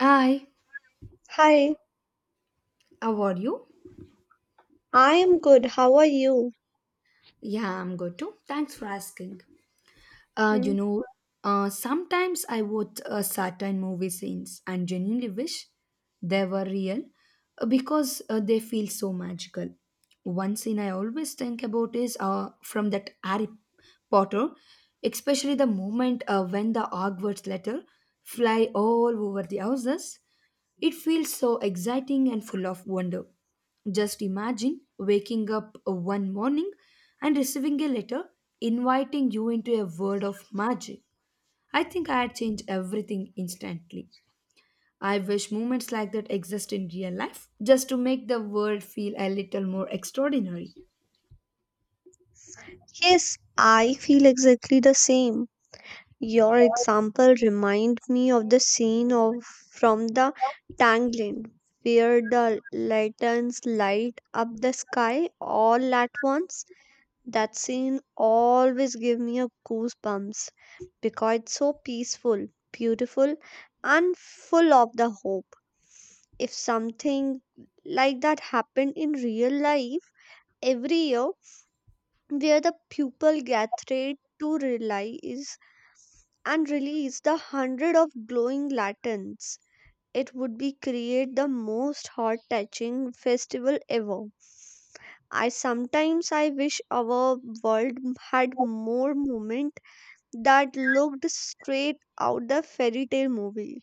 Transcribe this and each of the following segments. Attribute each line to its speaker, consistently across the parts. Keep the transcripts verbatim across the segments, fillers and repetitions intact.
Speaker 1: Hi,
Speaker 2: Hi,
Speaker 1: how are you?
Speaker 2: I am good. How are you?
Speaker 1: Yeah, I'm good too. Thanks for asking. Uh, you
Speaker 2: Mm.
Speaker 1: know, uh, sometimes I watch uh, certain movie scenes and genuinely wish they were real uh, because uh, they feel so magical. One scene I always think about is uh, from that Harry Potter, especially the moment uh, when the Hogwarts letter fly all over the houses. It feels so exciting and full of wonder. Just imagine waking up one morning and receiving a letter inviting you into a world of magic. I think I'd change everything instantly. I wish moments like that exist in real life just to make the world feel a little more extraordinary.
Speaker 2: Yes, I feel exactly the same. Your example remind me of the scene of from the Tangled, where the lanterns light up the sky all at once. That scene always give me a goosebumps because it's so peaceful, beautiful, and full of the hope. If something like that happened in real life every year, where the pupil gathered to realize and release the hundred of glowing lanterns. It would be create the most heart touching festival ever. I sometimes I wish our world had more moment that looked straight out the fairy tale movie.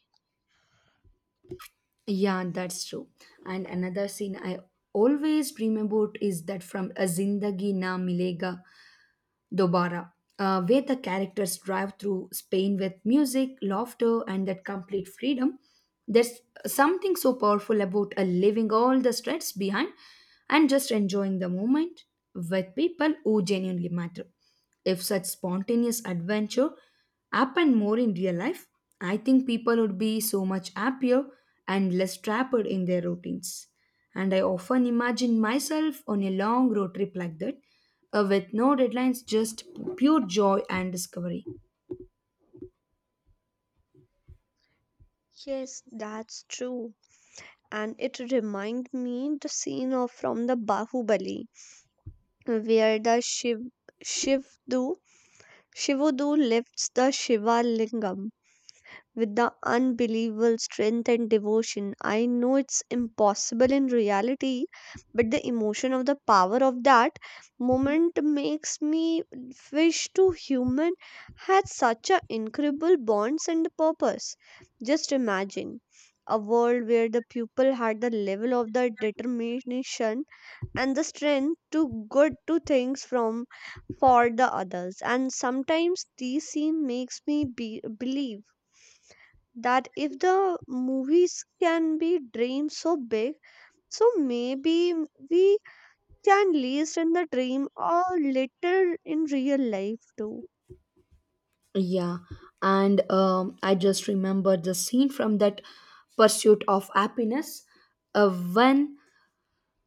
Speaker 1: Yeah, that's true. And another scene I always dream about is that from A Zindagi Na Milega Dobara, uh, where the characters drive through Spain with music, laughter, and that complete freedom. There's something so powerful about uh, leaving all the stress behind and just enjoying the moment with people who genuinely matter. If such spontaneous adventure happened more in real life, I think people would be so much happier and less trapped in their routines. And I often imagine myself on a long road trip like that uh, with no deadlines, just pure joy and discovery.
Speaker 2: Yes, that's true. And it remind me the scene of from the Bahubali where the Shiv Shivdu Shivudu lifts the Shiva Lingam with the unbelievable strength and devotion. I know it's impossible in reality, but the emotion of the power of that moment makes me wish to human had such an incredible bonds and purpose. Just imagine a world where the people had the level of the determination and the strength to good to things from for the others. And sometimes these scene makes me be- believe that if the movies can be dreamed so big, so maybe we can least in the dream or little in real life too.
Speaker 1: Yeah, and um, I just remembered the scene from that Pursuit of Happiness uh, when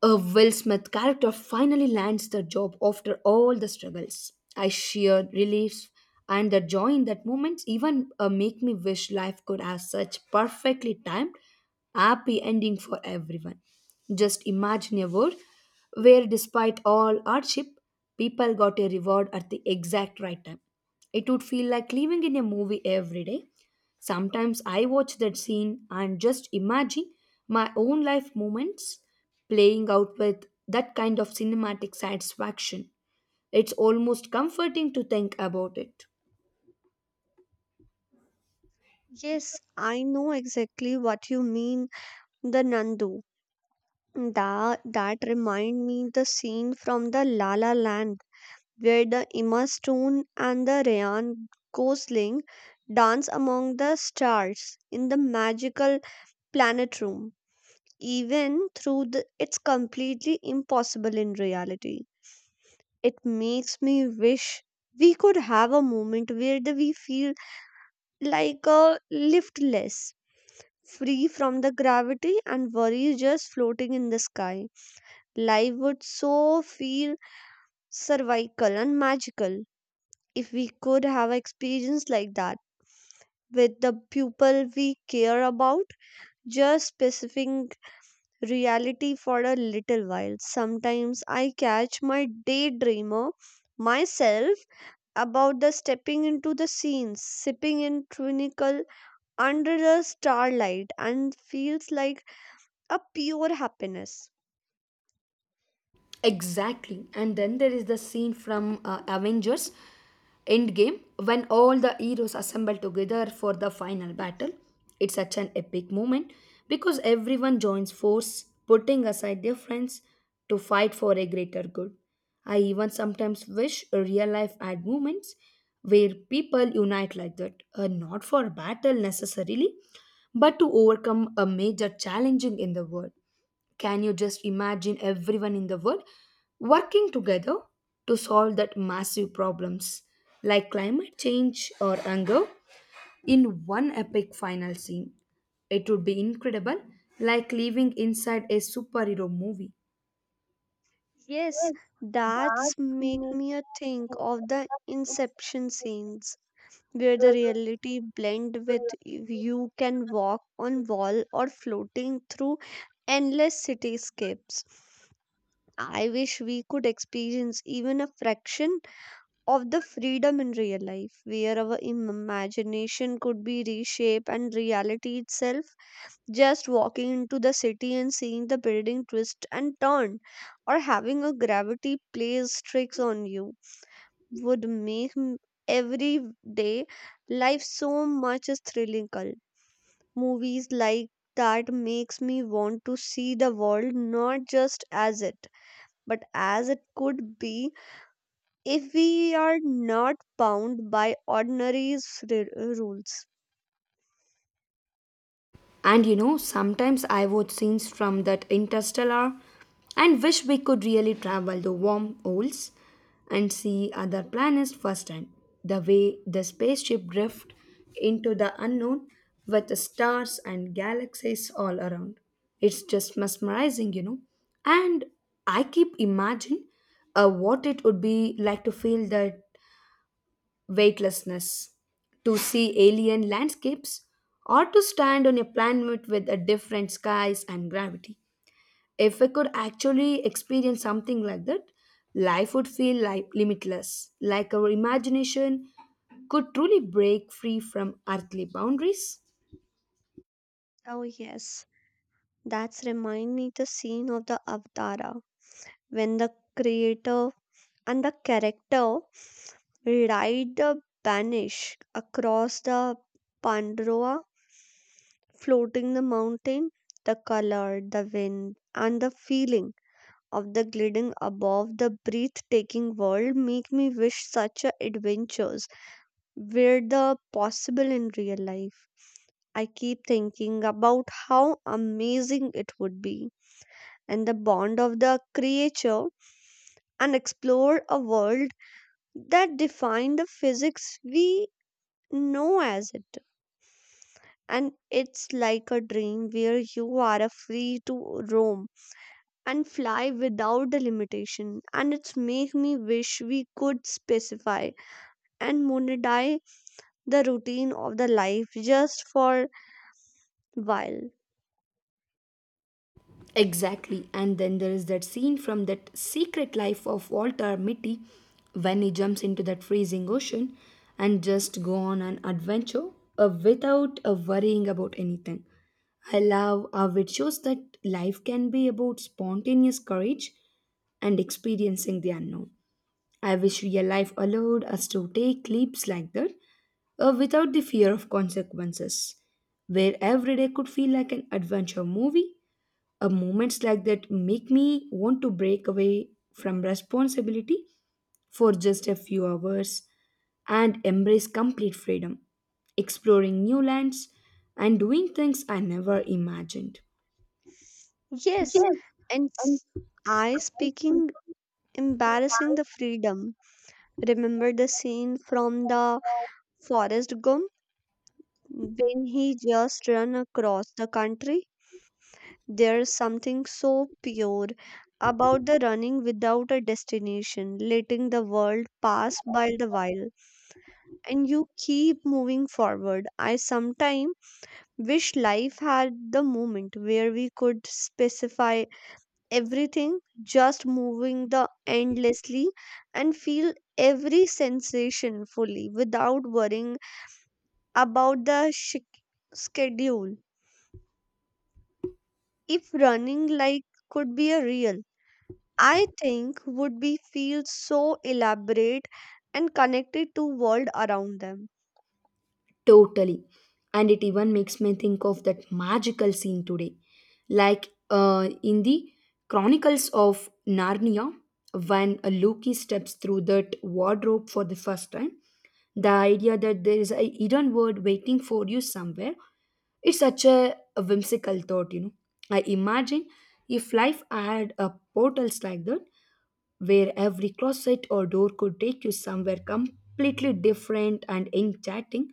Speaker 1: A Will Smith character finally lands the job after all the struggles. I sheer relief and the joy in that moment even uh, make me wish life could have such perfectly timed, happy ending for everyone. Just imagine a world where, despite all hardship, people got a reward at the exact right time. It would feel like living in a movie every day. Sometimes I watch that scene and just imagine my own life moments playing out with that kind of cinematic satisfaction. It's almost comforting to think about it.
Speaker 2: Yes, I know exactly what you mean. The nandu that that remind me the scene from the La La Land where the Emma Stone and the Ryan Gosling dance among the stars in the magical planet room. Even through the, it's completely impossible in reality. It makes me wish we could have a moment where the, we feel like a liftless, free from the gravity and worries, just floating in the sky. Life would so feel cervical and magical if we could have experience like that with the people we care about, just specifying reality for a little while. Sometimes I catch my daydreamer myself about the stepping into the scenes, sipping in twinical under the starlight, and feels like a pure happiness.
Speaker 1: Exactly. And then there is the scene from uh, Avengers Endgame, when all the heroes assemble together for the final battle, it's such an epic moment because everyone joins force, putting aside their friends to fight for a greater good. I even sometimes wish real life had moments where people unite like that, uh, not for battle necessarily, but to overcome a major challenging in the world. Can you just imagine everyone in the world working together to solve that massive problems like climate change or hunger in one epic final scene? It would be incredible, like living inside a superhero movie.
Speaker 2: Yes, that's make me a think of the inception scenes where the reality blend with y- you can walk on wall or floating through endless cityscapes. I wish we could experience even a fraction of the freedom in real life, where our im- imagination could be reshaped and reality itself. Just walking into the city and seeing the building twist and turn, or having a gravity plays tricks on you would make m- everyday life so much thrillical. Movies like that makes me want to see the world not just as it, but as it could be if we are not bound by ordinary s- r- rules.
Speaker 1: And you know, sometimes I watch scenes from that interstellar and wish we could really travel the wormholes and see other planets firsthand. The way the spaceship drift into the unknown with the stars and galaxies all around. It's just mesmerizing, you know. And I keep imagining uh, what it would be like to feel that weightlessness, to see alien landscapes, or to stand on a planet with a different skies and gravity. If I could actually experience something like that, life would feel like limitless, like our imagination could truly break free from earthly boundaries.
Speaker 2: Oh yes, that's remind me the scene of the Avatara when the creator and the character ride the banish across the Pandora floating the mountain, the color, the wind, and the feeling of the gliding above the breathtaking world make me wish such a adventures were the possible in real life. I keep thinking about how amazing it would be and the bond of the creature and explore a world that define the physics we know as it. And it's like a dream where you are free to roam and fly without the limitation. And it's make me wish we could specify and monetize the routine of the life just for while.
Speaker 1: Exactly. And then there is that scene from that secret life of Walter Mitty when he jumps into that freezing ocean and just go on an adventure uh, without uh, worrying about anything. I love how it shows that life can be about spontaneous courage and experiencing the unknown. I wish real life allowed us to take leaps like that uh, without the fear of consequences, where every day could feel like an adventure movie uh, moments like that make me want to break away from responsibility for just a few hours and embrace complete freedom, exploring new lands and doing things I never imagined.
Speaker 2: Yes, and s- I speaking embarrassing the freedom. Remember the scene from the Forest Gump when he just run across the country. There's something so pure about the running without a destination, letting the world pass by the while and you keep moving forward. I sometimes wish life had the moment where we could specify everything, just moving the endlessly and feel every sensation fully without worrying about the sh- schedule. If running like could be a real, I think would be feel so elaborate and connected to world around them.
Speaker 1: Totally. And it even makes me think of that magical scene today. Like uh, in the Chronicles of Narnia, when Loki steps through that wardrobe for the first time, the idea that there is a hidden word waiting for you somewhere, it's such a, a whimsical thought, you know. I imagine if life had a portals like that, where every closet or door could take you somewhere completely different and enchanting.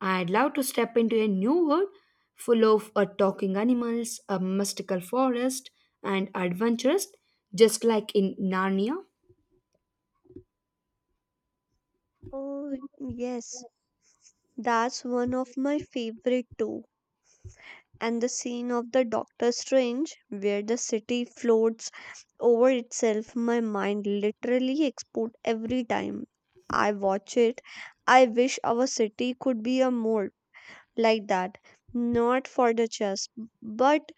Speaker 1: I'd love to step into a new world full of uh, talking animals, a mystical forest, and adventures, just like in Narnia.
Speaker 2: Oh yes. That's one of my favorite too. And the scene of the Doctor Strange, where the city floats over itself, my mind literally explodes every time I watch it. I wish our city could be a mold like that, not for the just, but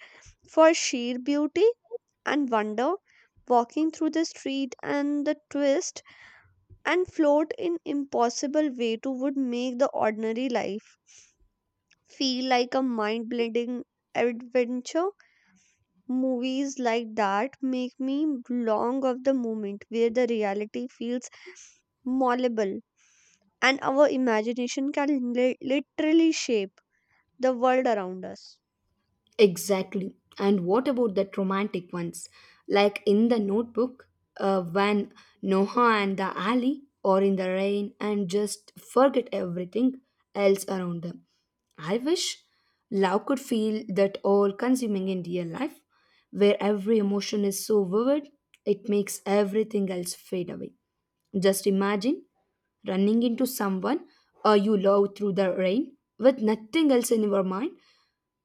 Speaker 2: for sheer beauty and wonder. Walking through the street and the twist and float in impossible way to would make the ordinary life feel like a mind blending adventure. Movies like that make me long of the moment where the reality feels malleable and our imagination can li- literally shape the world around us.
Speaker 1: Exactly. And what about that romantic ones? Like in the notebook, uh, when Noah and the alley or in the rain and just forget everything else around them. I wish love could feel that all consuming in real life, where every emotion is so vivid, it makes everything else fade away. Just imagine running into someone uh, you love through the rain with nothing else in your mind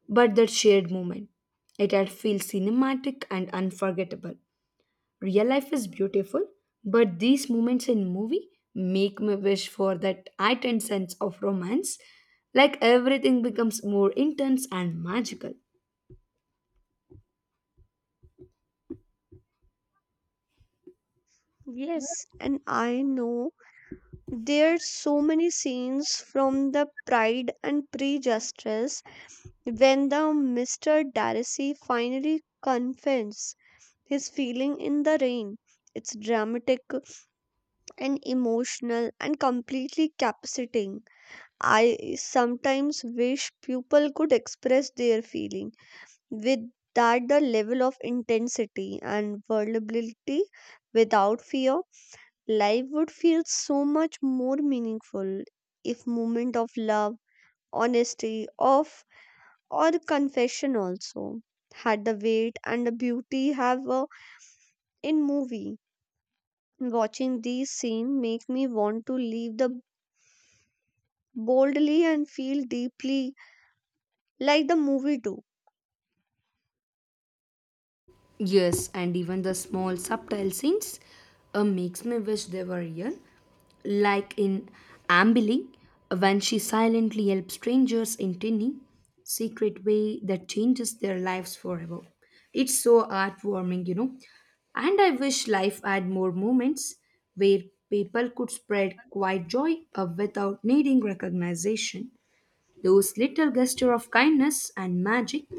Speaker 1: but that shared moment, it had feel cinematic and unforgettable. Real life is beautiful, but these moments in movie make me wish for that heightened sense of romance. Like everything becomes more intense and magical.
Speaker 2: Yes, and I know there's so many scenes from the Pride and Prejudice when the Mister Darcy finally confesses his feeling in the rain. It's dramatic and emotional and completely captivating. I sometimes wish people could express their feeling with that the level of intensity and vulnerability without fear. Life would feel so much more meaningful if moment of love, honesty, of or confession also had the weight and the beauty have uh, in movie. Watching these scene make me want to leave the boldly and feel deeply like the movie do.
Speaker 1: Yes, and even the small subtle scenes uh, makes me wish they were real. Like in Ambili, when she silently helps strangers in tiny, secret way that changes their lives forever. It's so heartwarming, you know. And I wish life had more moments where people could spread quiet joy uh, without needing recognition. Those little gesture of kindness and magic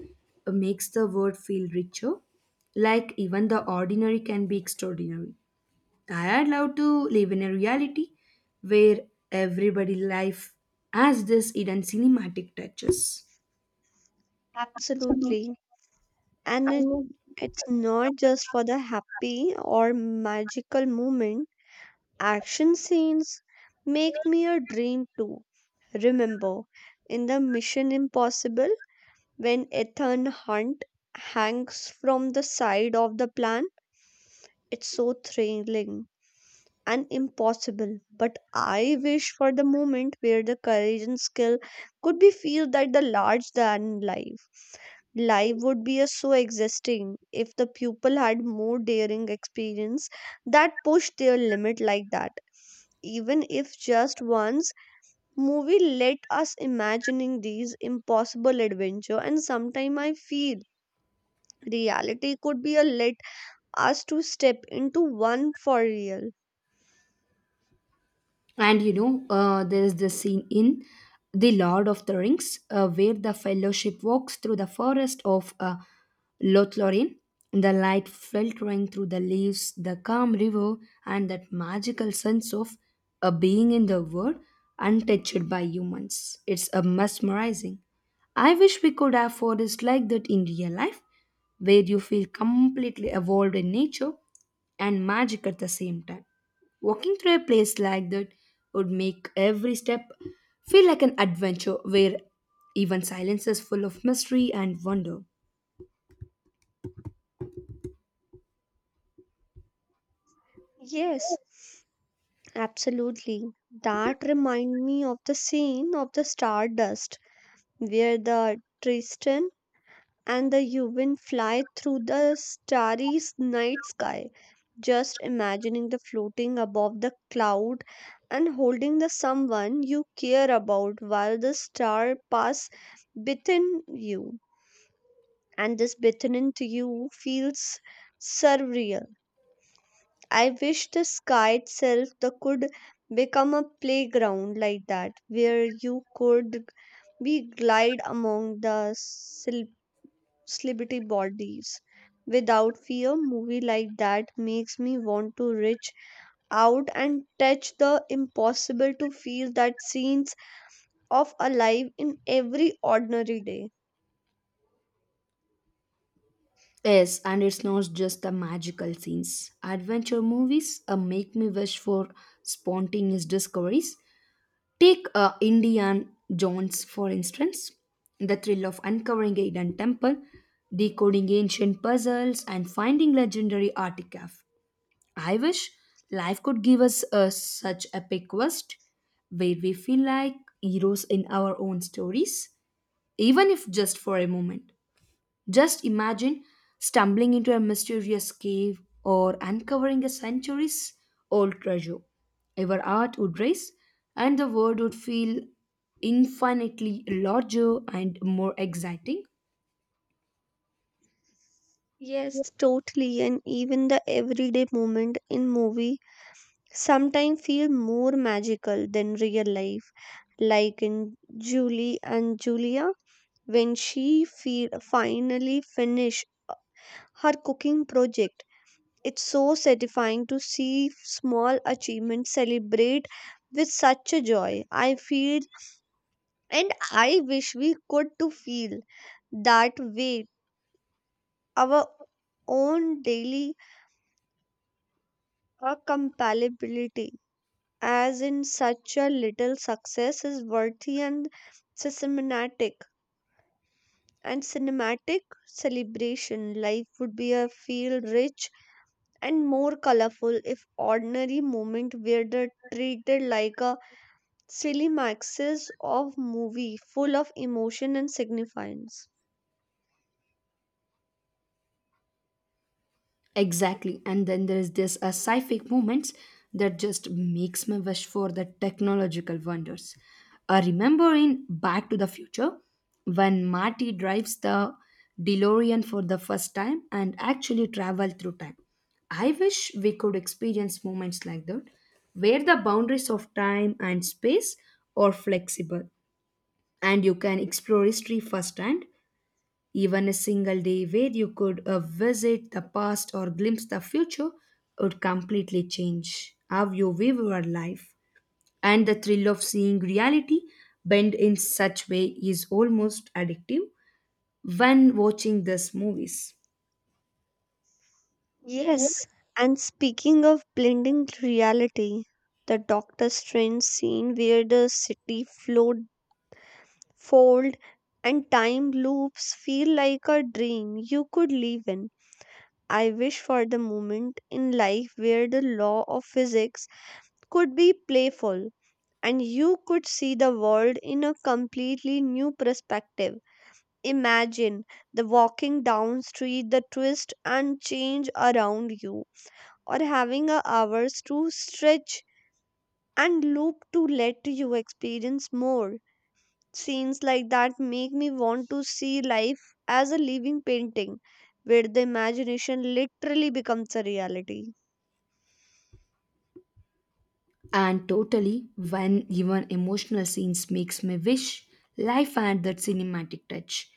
Speaker 1: uh, makes the world feel richer, like even the ordinary can be extraordinary. I'd love to live in a reality where everybody life has this hidden cinematic touches.
Speaker 2: Absolutely. And it, it's not just for the happy or magical moment. Action scenes make me a dream too. Remember, in the Mission Impossible, when Ethan Hunt hangs from the side of the plane, it's so thrilling and impossible. But I wish for the moment where the courage and skill could be feel that the large than life. Life would be a so existing if the pupil had more daring experience that pushed their limit like that. Even if just once, movie let us imagining these impossible adventure, and sometime I feel reality could be a let us to step into one for real.
Speaker 1: And you know, uh, there is this scene in The Lord of the Rings uh, where the fellowship walks through the forest of uh, Lothlorien, the light filtering through the leaves, the calm river, and that magical sense of uh, being in the world untouched by humans. It's a mesmerizing. I wish we could have forests like that in real life, where you feel completely evolved in nature and magic at the same time. Walking through a place like that would make every step feel like an adventure where even silence is full of mystery and wonder.
Speaker 2: Yes. Absolutely. That remind me of the scene of the Stardust where the Tristan and the Yuvin fly through the starry s- night sky. Just imagining the floating above the cloud and holding the someone you care about while the star pass within you and this within into you feels surreal. I wish the sky itself the could become a playground like that where you could be glide among the sil- celebrity bodies without fear. Movie like that makes me want to reach out and touch the impossible, to feel that scenes of alive in every ordinary day.
Speaker 1: Yes, and it's not just the magical scenes. Adventure movies uh, make me wish for spontaneous discoveries. Take uh, Indiana Jones, for instance. The thrill of uncovering a hidden temple, decoding ancient puzzles, and finding legendary artifacts I wish life could give us a such epic quest where we feel like heroes in our own stories, even if just for a moment. Just imagine stumbling into a mysterious cave or uncovering a centuries old treasure. Our heart would race and the world would feel infinitely larger and more exciting.
Speaker 2: Yes, totally. And even the everyday moment in movie sometimes feel more magical than real life, like in Julie and Julia when she fe- finally finished her cooking project. It's so satisfying to see small achievements celebrate with such a joy. I feel, and I wish we could to feel that way our own daily uh, compatibility as in such a little success is worthy and systematic and cinematic celebration. Life would be a feel rich and more colorful if ordinary moment were the- treated like a silly maxis of movie full of emotion and significance.
Speaker 1: Exactly. And then there is this uh, sci-fi moments that just makes me wish for the technological wonders. I remember in Back to the Future when Marty drives the DeLorean for the first time and actually travel through time. I wish we could experience moments like that where the boundaries of time and space are flexible and you can explore history firsthand even a single day where you could uh, visit the past or glimpse the future would completely change how you view your life. And the thrill of seeing reality bend in such way is almost addictive when watching these movies.
Speaker 2: Yes, and speaking of blending reality, the Doctor Strange scene where the city float fold and time loops feel like a dream you could live in. I wish for the moment in life where the law of physics could be playful and you could see the world in a completely new perspective. Imagine the walking down street, the twist and change around you, or having a hours to stretch and loop to let you experience more. Scenes like that make me want to see life as a living painting where the imagination literally becomes a reality.
Speaker 1: And totally when even emotional scenes makes me wish life had that cinematic touch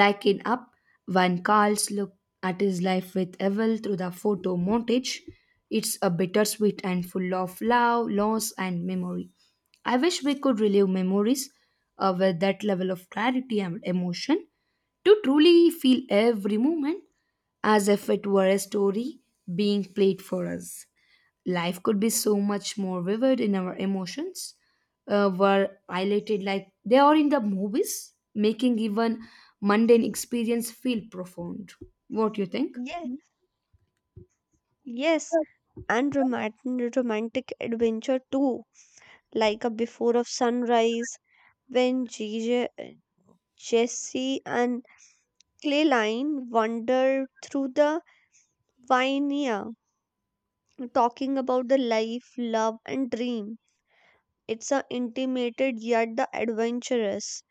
Speaker 1: like in up when carl's look at his life with Evel through the photo montage it's a bittersweet and full of love loss and memory. I wish we could relive memories uh, with that level of clarity and emotion to truly feel every moment as if it were a story being played for us life could be so much more vivid in our emotions uh, were highlighted like they are in the movies making even mundane experience feel profound. What do you think?
Speaker 2: Yes. Yes, and romantic, romantic, adventure too, like a Before of Sunrise when JJ, Jesse and Clayline wander through the vineyard talking about the life, love and dream. It's a intimated yet the adventurous.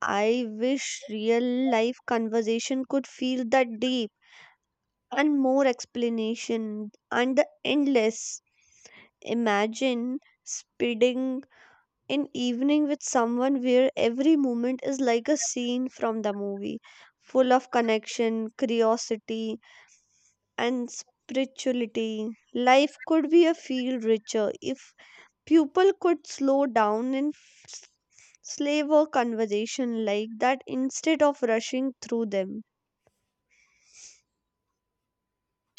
Speaker 2: I wish real life conversation could feel that deep and more explanation and the endless. Imagine speeding in evening with someone where every moment is like a scene from the movie, full of connection, curiosity, and spirituality. Life could be a feel richer if people could slow down and f- slave a conversation like that instead of rushing through them.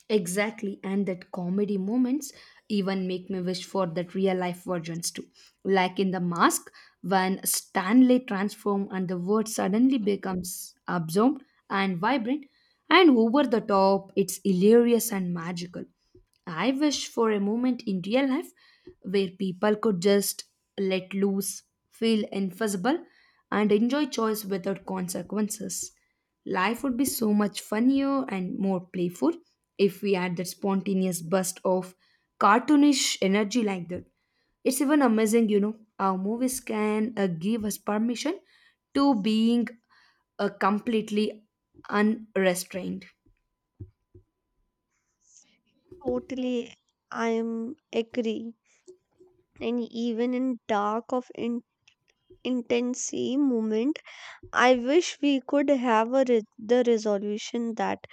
Speaker 1: Exactly, and that comedy moments even make me wish for that real life versions too. Like in The Mask, when Stanley transforms and the word suddenly becomes absorbed and vibrant, and over the top, it's hilarious and magical. I wish for a moment in real life where people could just let loose, feel invisible, and enjoy choice without consequences. Life would be so much funnier and more playful if we had that spontaneous burst of cartoonish energy like that. It's even amazing, you know, our movies can uh, give us permission to being uh, completely unrestrained.
Speaker 2: Totally, I am agree. And even in dark of in- intensity moment, I wish we could have a re- the resolution that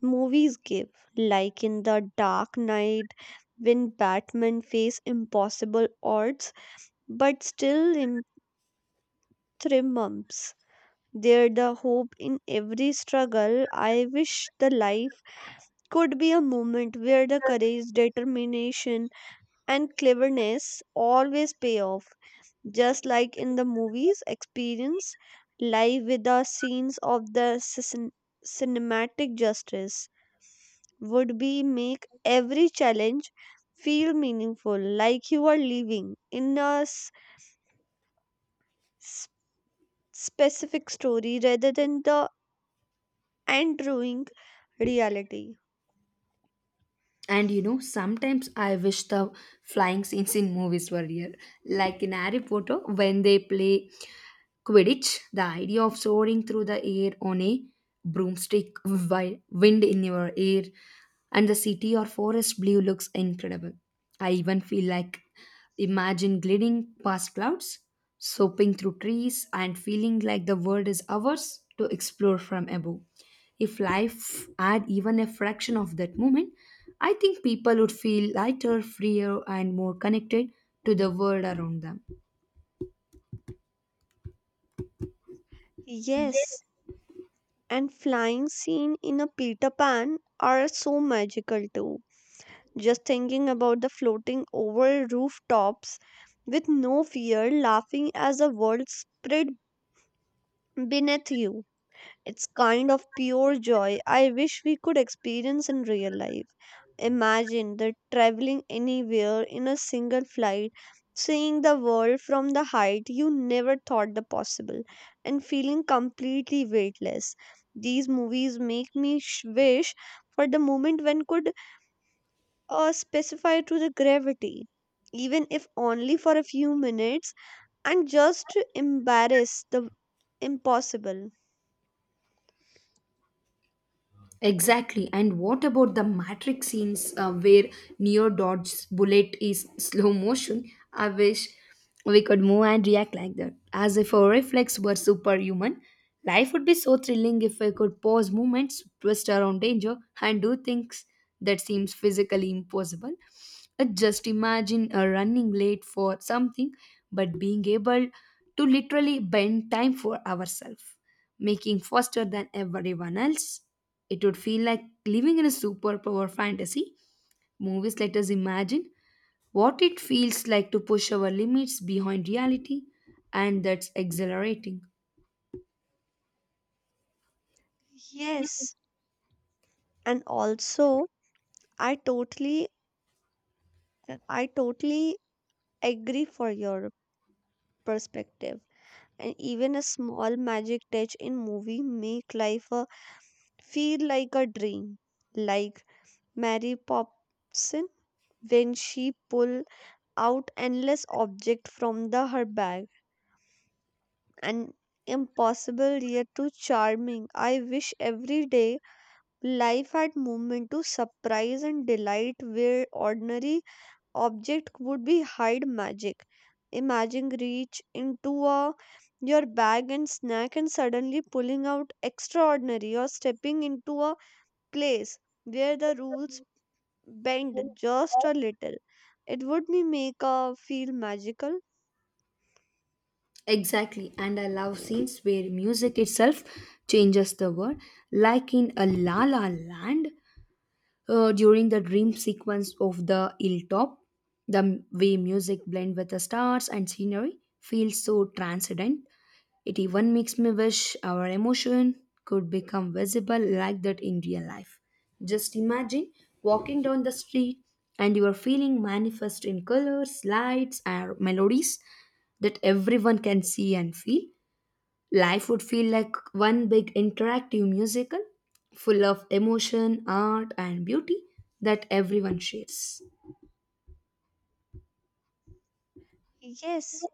Speaker 2: movies give, like in The Dark Knight, when Batman face impossible odds but still im- triumphs. There the hope in every struggle. I wish the life could be a moment where the courage, determination, and cleverness always pay off. Just like in the movies, experience live with the scenes of the cin- cinematic justice would be make every challenge feel meaningful, like you are living in a s- s- specific story rather than the enduring reality.
Speaker 1: And you know, sometimes I wish the flying scenes in movies were real, like in Harry Potter when they play Quidditch, the idea of soaring through the air on a broomstick while wind in your ear and the city or forest blue looks incredible. I even feel like imagine gliding past clouds, soaping through trees, and feeling like the world is ours to explore from above. If life had even a fraction of that moment, I think people would feel lighter, freer, and more connected to the world around them.
Speaker 2: Yes, and flying scene in a Peter Pan are so magical too, just thinking about the floating over rooftops with no fear, laughing as the world spread beneath you. It's kind of pure joy I wish we could experience in real life. Imagine that traveling anywhere in a single flight, seeing the world from the height you never thought the possible, and feeling completely weightless. These movies make me sh- wish for the moment when could uh, specified to the gravity, even if only for a few minutes, and just to embarrass the impossible.
Speaker 1: Exactly. And what about the Matrix scenes uh, where Neo Dodge's bullet is slow motion? I wish we could move and react like that. As if our reflex were superhuman. Life would be so thrilling if we could pause movements, twist around danger, and do things that seems physically impossible. Uh, Just imagine uh, running late for something, but being able to literally bend time for ourselves, making faster than everyone else. It would feel like living in a superpower fantasy. Movies let us imagine what it feels like to push our limits behind reality, and that's exhilarating.
Speaker 2: Yes, and also I totally I totally agree for your perspective. And even a small magic touch in movie make life a, feel like a dream. Like Mary Popson when she pull out endless object from the her bag and impossible yet too charming. I wish every day life had moment to surprise and delight where ordinary object would be hide magic. Imagine reach into a your bag and snack and suddenly pulling out extraordinary or stepping into a place where the rules bend just a little. It would me make a feel magical.
Speaker 1: Exactly, and I love scenes where music itself changes the world, like in a La La Land uh, during the dream sequence of the hilltop. The m- way music blend with the stars and scenery feels so transcendent. It even makes me wish our emotion could become visible like that in real life. Just imagine walking down the street and your feeling manifest in colors, lights, and melodies that everyone can see and feel. Life would feel like one big interactive musical full of emotion, art, and beauty that everyone shares.
Speaker 2: Yes,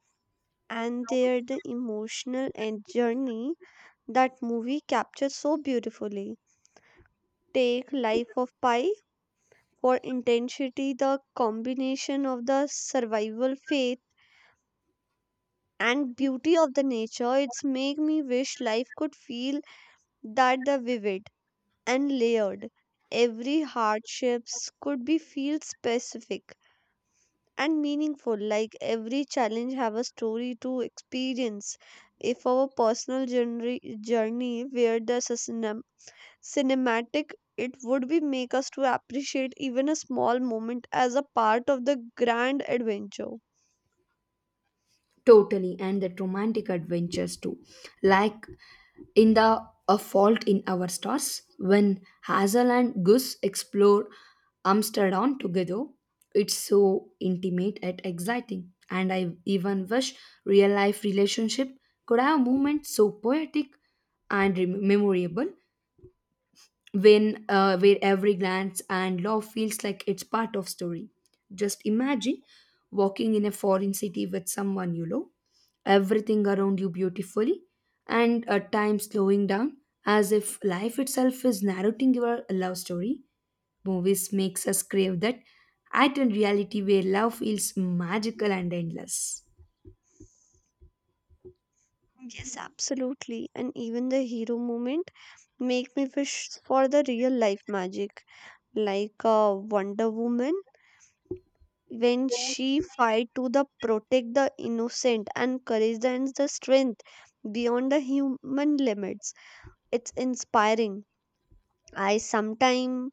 Speaker 2: and there the emotional and journey that movie captures so beautifully. Take Life of Pi for intensity, the combination of the survival faith and beauty of the nature. It's make me wish life could feel that the vivid and layered. Every hardships could be feel specific and meaningful. Like every challenge have a story to experience. If our personal journey journey where the cinematic it would be make us to appreciate even a small moment as a part of the grand adventure.
Speaker 1: Totally, and that romantic adventures too. Like in the A Fault in Our Stars, when Hazel and Gus explore Amsterdam together, it's so intimate and exciting. And I even wish real life relationship could have moments so poetic and rem- memorable when uh, where every glance and love feels like it's part of story. Just imagine walking in a foreign city with someone you love everything around you beautifully, and at times slowing down as if life itself is narrating your love story. Movies makes us crave that heightened reality where love feels magical and endless.
Speaker 2: Yes, absolutely. And even the hero moment make me wish for the real life magic, like uh, wonder woman when she fight to the protect the innocent and courage and the strength beyond the human limits. It's inspiring. I sometime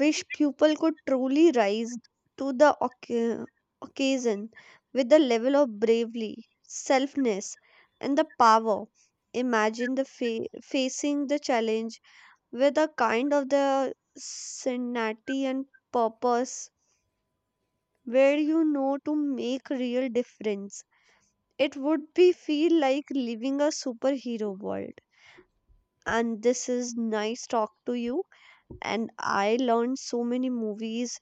Speaker 2: wish people could truly rise to the occa- occasion with the level of bravery, selfness, and the power. Imagine the fa- facing the challenge with a kind of the sanity and purpose where you know to make real difference. It would be feel like living a superhero world. And this is nice talk to you. And I learned so many movies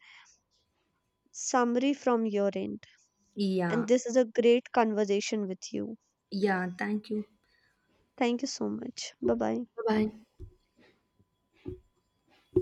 Speaker 2: summary from your end.
Speaker 1: Yeah,
Speaker 2: And this is a great conversation with you.
Speaker 1: yeah, thank you.
Speaker 2: Thank you so much. Bye bye.
Speaker 1: Bye bye.